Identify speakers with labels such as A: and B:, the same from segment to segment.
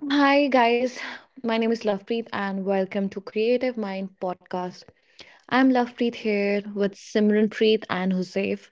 A: Hi guys, my name is Lovepreet and welcome to Creative Mind podcast. I'm Lovepreet here with Simranpreet and Husseif.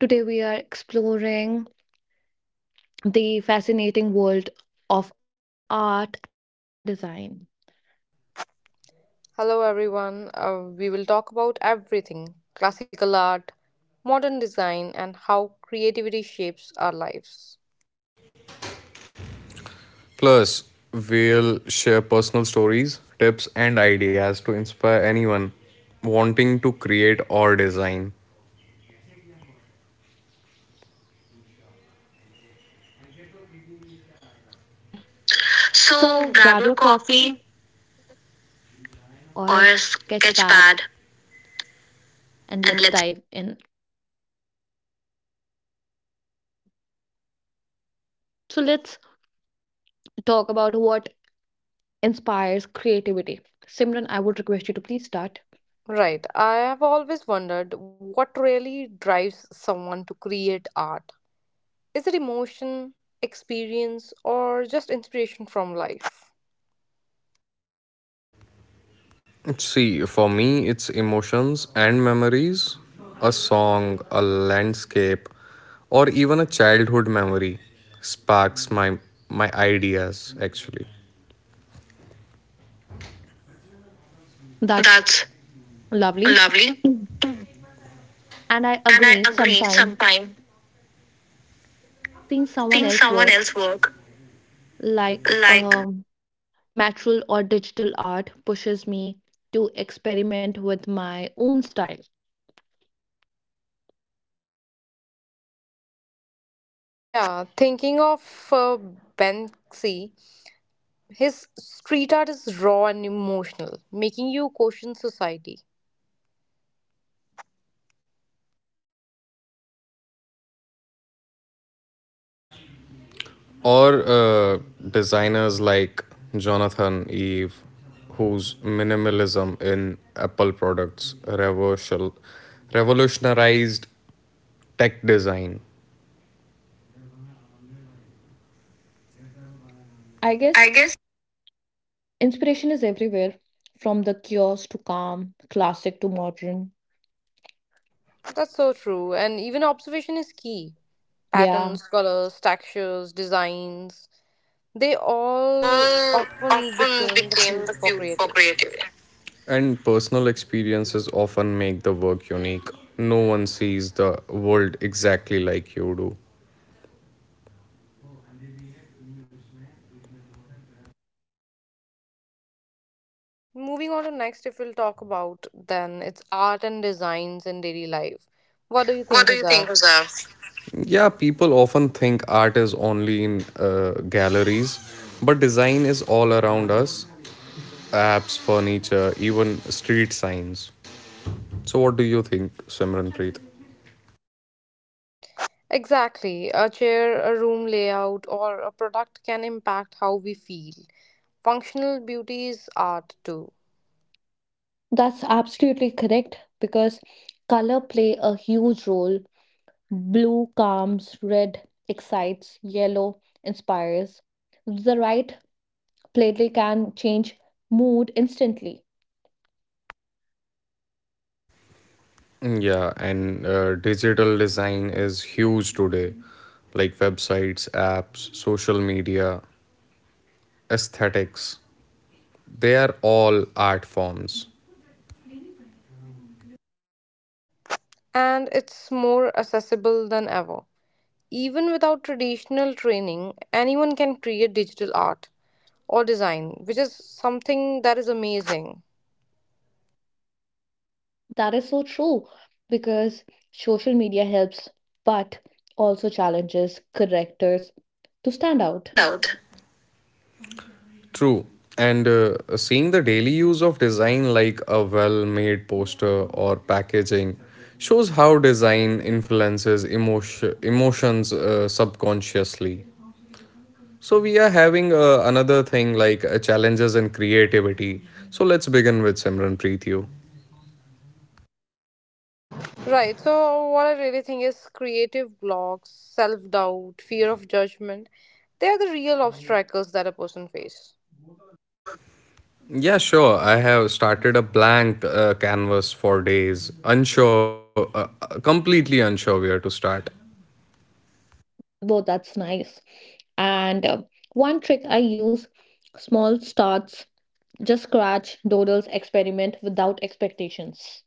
A: Today we are exploring the fascinating world of art and design.
B: Hello, everyone. We will talk about everything classical art, modern design, and how creativity shapes our lives.
C: Plus, we'll share personal stories, tips, and ideas to inspire anyone wanting to create or design.
A: And so grab your
C: So
A: coffee
C: grab your coffee
A: or sketch
C: or a
A: pad
C: sketch pad
A: and let's dive
C: and
A: in.
C: let's
A: So let's talk about what inspires creativity. Simran, I would request you to please start.
B: Right, I have always wondered what really drives someone to create art. Is it emotion, experience, or just inspiration from life?
C: See, for me, it's emotions and memories, a song, a landscape, or even a childhood memory sparks my ideas actually.
A: That's
C: That's
A: lovely.
C: lovely.
A: Mm. And I
C: And I
A: agree
C: agree.
A: sometimes
C: Sometimes
A: seeing someone
C: seeing
A: else
C: someone
A: work
C: else work
A: like
C: like
A: material or digital art pushes me to experiment with my own style.
B: Yeah, thinking of uh, Banksy, his street art is raw and emotional, making you question society.
C: or designers like Jonathan Ive, whose minimalism in Apple products revolutionized tech design.
A: I guess
C: I guess
A: inspiration is everywhere, from the cures to calm, classic to modern.
B: That's so true, and even observation is key.
A: Yeah,
B: Patterns, colors, textures, designs, they all
C: all
B: often
C: often
B: became the
C: became
B: fuel
C: the
B: for
C: fuel for
B: creativity.
C: creativity. And personal experiences often make the work unique. No one sees the world exactly like you do.
B: Moving on to next, if we'll talk about then it's art and designs in daily life. What do you
C: What
B: think,
C: do you think,
B: Huzaif?
C: Huzav? Yeah, people often think art is only in galleries, but design is all around us, apps, furniture, even street signs. So, what do you think, Simranpreet?
B: Exactly. A chair, a room layout, or a product can impact how we feel. Functional beauty is art too,
A: that's absolutely correct because color play a huge role. Blue calms, red excites, yellow inspires. The right playlist can change mood instantly.
C: Yeah, and digital design is huge today. Like websites, apps, social media, aesthetics, they are all art forms.
B: and it's more accessible than ever. Even without traditional training, anyone can create digital art. Or design, which is something that is amazing.
A: That is so true because social media helps, but also challenges correctors to stand out.
C: Stand out. True. And seeing the daily use of design like a well made poster or packaging shows how design influences emotion, emotions subconsciously. So, we are having another thing like challenges and creativity. So, let's begin with Simran Preethu.
B: Right. So what I really think is creative blocks, self-doubt, fear of judgment, they are the real obstacles that a person faces.
C: Yeah, sure. I have started a blank canvas for days, unsure, completely unsure where to start.
A: Though that's nice. And One trick I use, small starts, just scratch, doodles, experiment without expectations.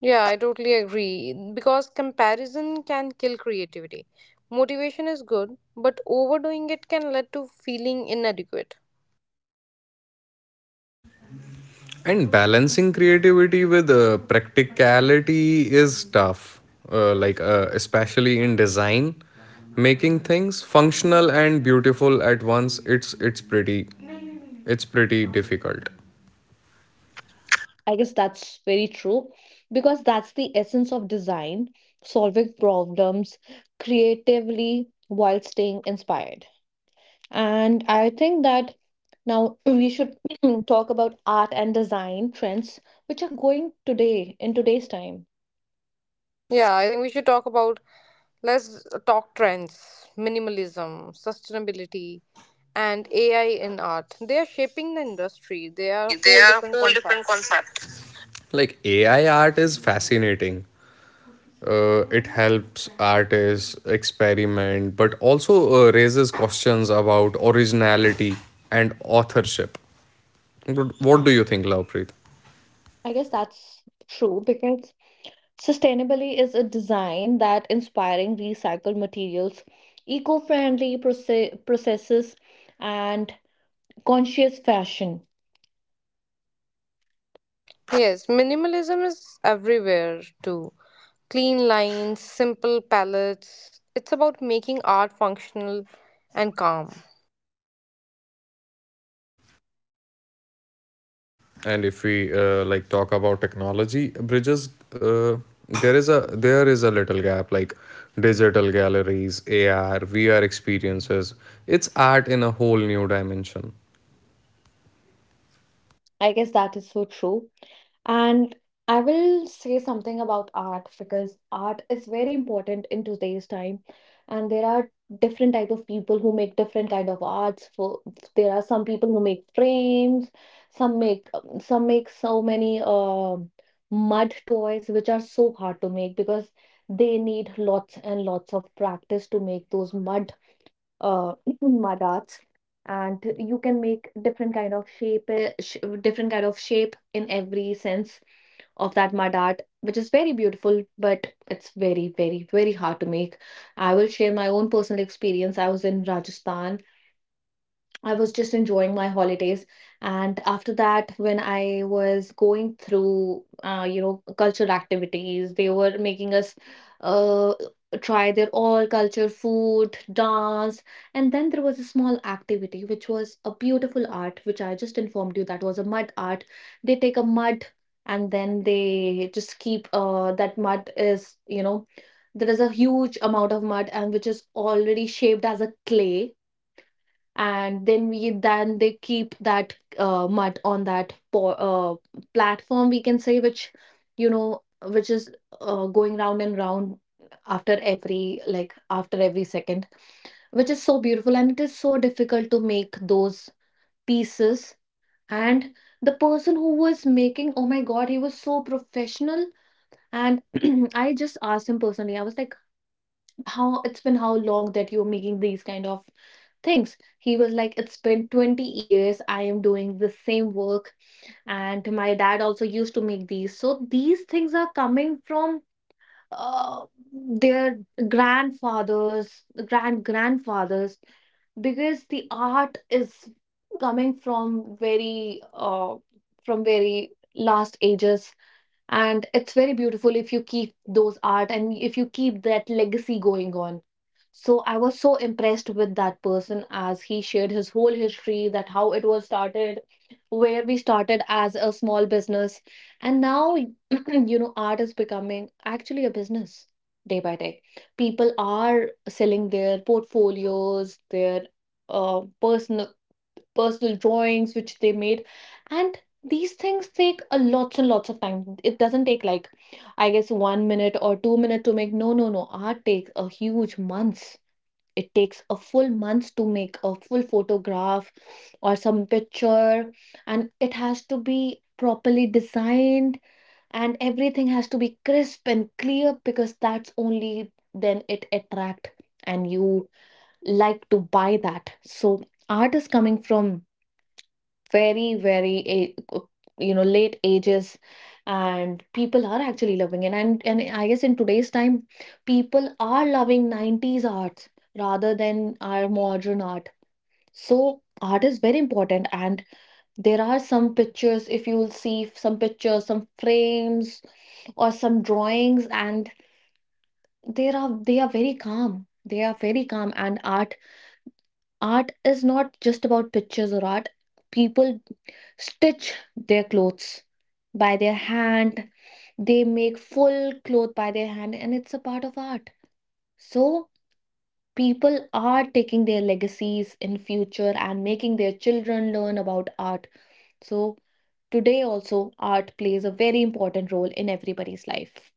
B: Yeah, I totally agree because comparison can kill creativity. Motivation is good, but overdoing it can lead to feeling inadequate.
C: And balancing creativity with practicality is tough, like especially in design, making things functional and beautiful at once. It's pretty difficult.
A: I guess that's very true because that's the essence of design, solving problems creatively while staying inspired. And I think that now we should talk about art and design trends which are going today in today's time.
B: Yeah, I think we should talk about let's talk trends, minimalism, sustainability, and AI in art. They are shaping the industry. They are a
C: See, they
B: whole
C: are a
B: different
C: whole different
B: concept.
C: concept. Like AI art is fascinating. It helps artists experiment, but also raises questions about originality and authorship. What do you think, Lovepreet?
A: I guess that's true because sustainably is a design that inspiring recycled materials, eco-friendly processes and conscious fashion.
B: Yes, minimalism is everywhere too. Clean lines, simple palettes. It's about making art functional and calm.
C: And if we like talk about technology bridges, uh, there is a little gap like digital galleries, ar vr experiences, it's art in a whole new dimension.
A: I guess that is so true. And I will say something about art because art is very important in today's time. And there are different type of people who make different kind of arts. For there are some people who make frames, some make so many mud toys which are so hard to make because they need lots and lots of practice to make those mud uh mud arts. And you can make different kind of shape, sh different kind of shape in every sense of that mud art, which is very beautiful, but it's very, very, very hard to make. I will share my own personal experience. I was in Rajasthan. I was just enjoying my holidays. And after that, when I was going through, you know, cultural activities, they were making us uh, try their all culture, food, dance. And then there was a small activity, which was a beautiful art, which I just informed you, that was a mud art. They take a mud and then they just keep, that mud is, you know, there is a huge amount of mud and which is already shaped as a clay, and then they keep that mud on that platform, we can say, which, you know, which is going round and round after every, like, after every second, which is so beautiful, and it is so difficult to make those pieces. And the person who was making, oh my god, he was so professional. And I just asked him personally, I was like, how it's been, how long that you're making these kind of things. He was like, it's been 20 years I am doing the same work, and my dad also used to make these. So these things are coming from uh, their grandfathers, grandfathers, because the art is coming from very last ages, and it's very beautiful if you keep those art and if you keep that legacy going on. So I was so impressed with that person as he shared his whole history, that how it was started, where we started as a small business, and now you know, art is becoming actually a business day by day. People are selling their portfolios, their uh, personal personal drawings which they made. And these things take a lots and lots of time. It doesn't take like, I guess, 1 minute or 2 minute to make. No, no, no, art takes a huge months. It takes a full month to make a full photograph or some picture, and it has to be properly designed, and everything has to be crisp and clear, because that's only then it attract and you like to buy that. So art is coming from very very a- you know, late ages, and people are actually loving it. And I guess in today's time, people are loving 90s arts rather than our modern art. So art is very important, and there are some pictures, if you will see some pictures, some frames or some drawings, and they are very calm, they are very calm. And art is not just about pictures or art. People stitch their clothes by their hand, they make full cloth by their hand, and it's a part of art. So people are taking their legacies in future and making their children learn about art. So today also art plays a very important role in everybody's life.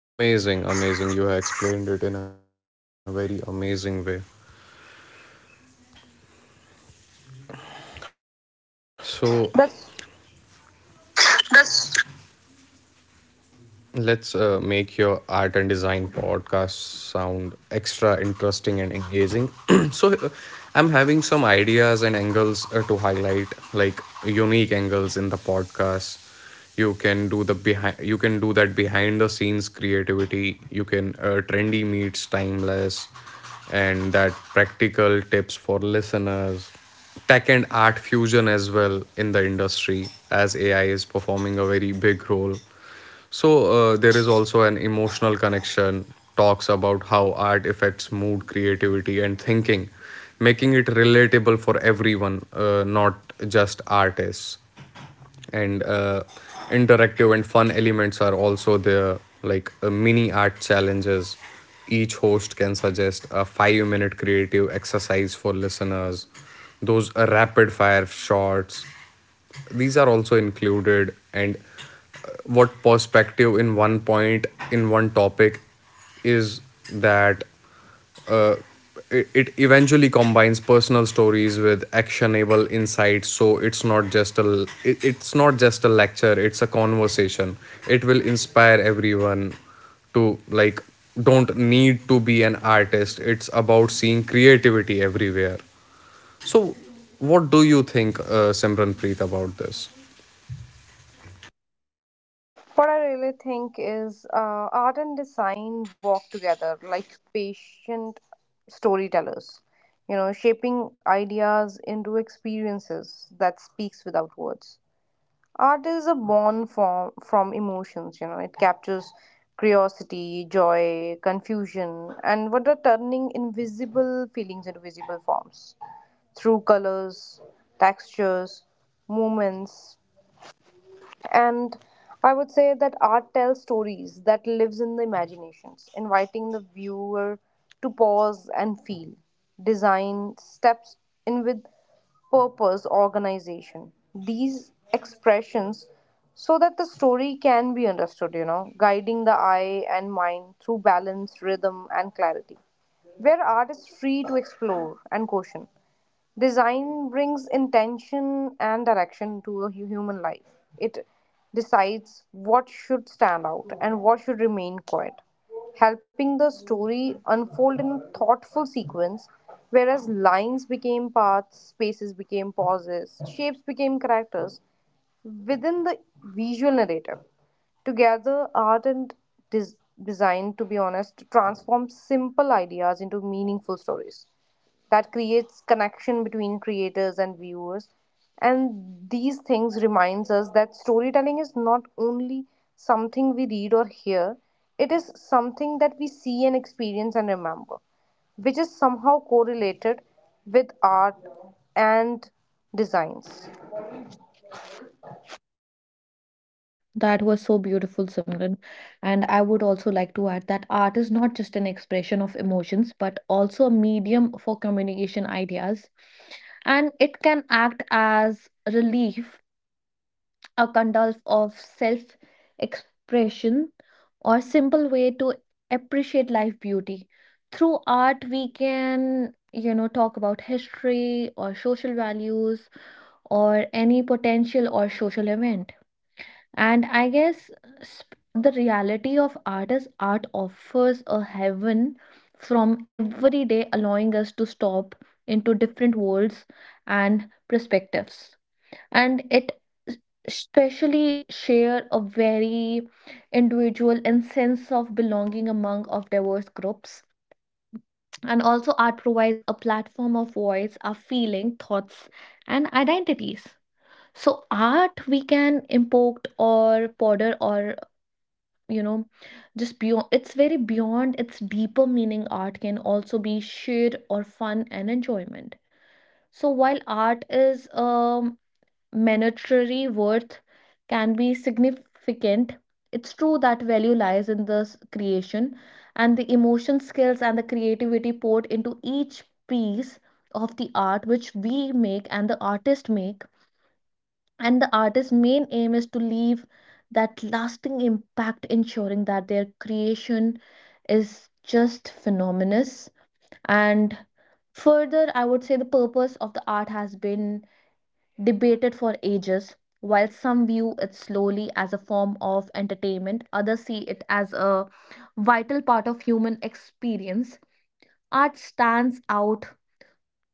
C: Amazing, amazing, you have explained it in a very amazing way. So
B: That's
C: that's. Let's make your art and design podcast sound extra interesting and engaging. So, I'm having some ideas and angles to highlight, like unique angles in the podcast. You can do the behind. You can do that behind the scenes creativity. You can trendy meets timeless, and that practical tips for listeners, tech and art fusion as well in the industry as AI is performing a very big role. So there is also an emotional connection, talks about how art affects mood, creativity, and thinking, making it relatable for everyone, not just artists. And interactive and fun elements are also there, like mini art challenges. Each host can suggest a five minute creative exercise for listeners, those rapid fire shots, these are also included. And what perspective in one point in one topic is that, uh, it eventually combines personal stories with actionable insights, so it's not just a, it's not just a lecture, it's a conversation. It will inspire everyone to, like, don't need to be an artist, it's about seeing creativity everywhere. So what do you think, Simranpreet, about this?
B: what I really think is art and design walk together like patient storytellers, shaping ideas into experiences that speaks without words. Art is a born form from emotions, it captures curiosity, joy, confusion, and what are turning invisible feelings into visible forms through colors, textures, movements, and I would say that art tells stories that lives in the imaginations, inviting the viewer to pause and feel. Design steps in with purpose, organization, these expressions so that the story can be understood, guiding the eye and mind through balance, rhythm, and clarity, where art is free to explore and caution. Design brings intention and direction to a human life. It decides what should stand out and what should remain quiet, helping the story unfold in a thoughtful sequence. Whereas lines became paths, spaces became pauses, shapes became characters within the visual narrative. Together, art and des- design, to be honest, transform simple ideas into meaningful stories that creates connection between creators and viewers, and these things reminds us that storytelling is not only something we read or hear. It is something that we see and experience and remember, which is somehow correlated with art and designs.
A: That was so beautiful, Simran. And I would also like to add that art is not just an expression of emotions, but also a medium for communication ideas. And it can act as relief, a kind of self expression, or simple way to appreciate life beauty. Through art, we can, you know, talk about history or social values or any potential or social event. And I guess, the reality of art is, art offers a heaven from every day, allowing us to stop into different worlds and perspectives. And s- especially share a very individual and sense of belonging among of diverse groups. And also art provides a platform of voice, our feeling, thoughts, and identities. So art we can import or ponder or, you know, just beyond, it's very beyond its deeper meaning. Art can also be sheer or fun and enjoyment. So while art is monetary worth can be significant, it's true that value lies in this creation and the emotion skills and the creativity poured into each piece of the art which we make and the artist make. And the artist's main aim is to leave that lasting impact, ensuring that their creation is just phenomenal. And further, I would say the purpose of the art has been debated for ages. While some view it slowly as a form of entertainment, others see it as a vital part of human experience. Art stands out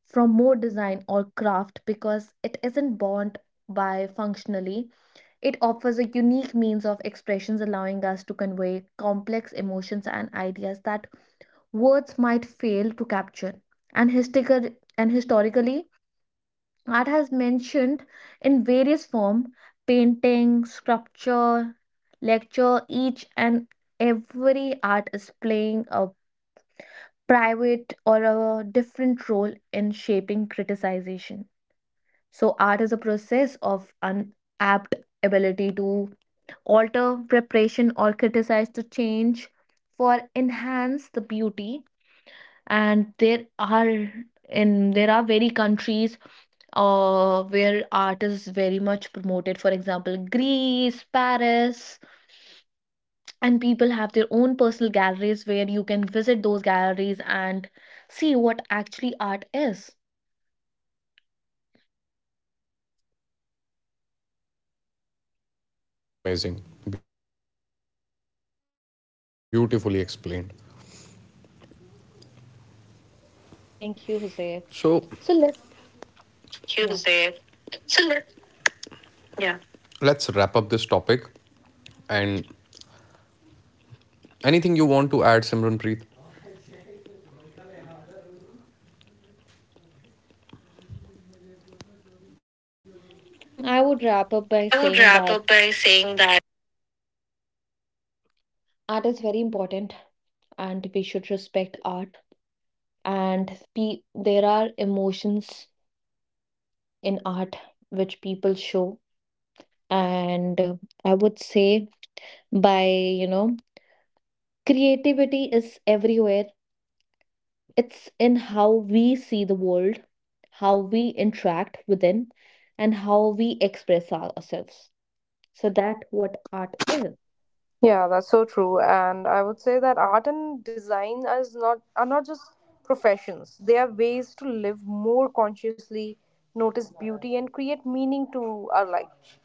A: from more design or craft because it isn't bound by functionally. It offers a unique means of expressions, allowing us to convey complex emotions and ideas that words might fail to capture. And, historical, and historically, art has mentioned in various forms, painting, sculpture, lecture. Each and every art is playing a private or a different role in shaping criticization. So, art is a process of unapt ability to alter preparation or criticize the change for enhance the beauty. And there are very countries where art is very much promoted, for example, Greece, Paris, and people have their own personal galleries where you can visit those galleries and see what actually art is.
C: Amazing, amazing, beautifully explained.
A: Thank
C: So
A: you, Hussein. So let
C: thank you, Jose.
A: Yeah.
C: So, let- yeah. Let's wrap up this topic. And anything you want to add, Simranpreet?
A: Mm, I would wrap up by saying that
C: I would wrap up by saying that.
A: art is very important, and we should respect art, and there are emotions in art which people show. And I would say, by, you know, creativity is everywhere. It's in how we see the world, how we interact within, and how we express ourselves. So that what art is.
B: Yeah, that's so true. And I would say that art and design is not are not just professions. They are ways to live more consciously, notice beauty, and create meaning to our life.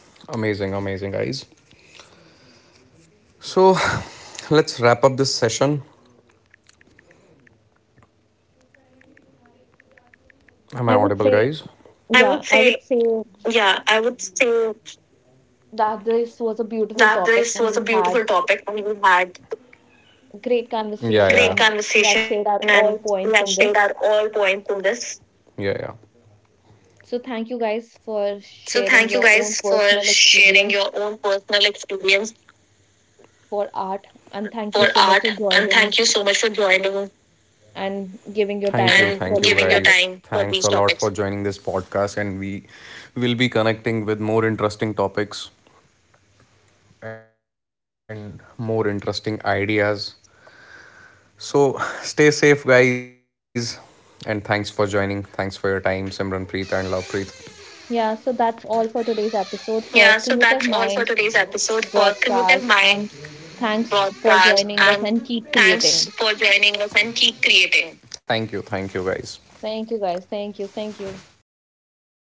C: Amazing, amazing, guys. So let's wrap up this session.
A: I would
C: Am I
A: say,
C: audible, guys?
A: yeah,
C: I
A: I
C: would
A: would say
C: say, yeah, I would say
A: that this was a beautiful topic,
C: that
A: and we
C: this was
A: had
C: a beautiful topic. We had,
A: a great conversation,
C: yeah,
A: and
C: yeah, great,
A: we
C: yeah,
A: have shared our
C: conversation,
A: all
C: and we
A: points
C: have
A: in
C: shared our
A: this.
C: all points in this. Yeah, yeah.
A: So thank you guys for
C: So thank
A: sharing
C: you
A: your own
C: guys for
A: personal
C: sharing
A: experience
C: your own personal experience
A: for art. And thank you so much
C: for
A: for
C: art,
A: joining
C: and thank you so much for joining.
A: and giving your time
C: Thank
A: for
C: you,
A: these
C: and thank you
A: topics.
C: giving your guys time for thanks these a lot topics for joining this podcast, and we will be connecting with more interesting topics and more interesting ideas. So stay safe guys, and thanks for joining. Thanks for your time, Simran Preet and Lovepreet.
A: Yeah, so that's all for today's
C: Yeah,
A: episode
C: so
A: for
C: that's all
A: Creative
C: for today's
A: Mind
C: episode for Creative
A: broadcast.
C: Mind
A: And thanks
C: Podcast.
A: for
C: And
A: joining us and keep
C: thanks for
A: creating.
C: joining us and keep creating. Thank you guys.
A: Thank you guys. Thank you. Thank you.
C: Thank you, guys. Thank you.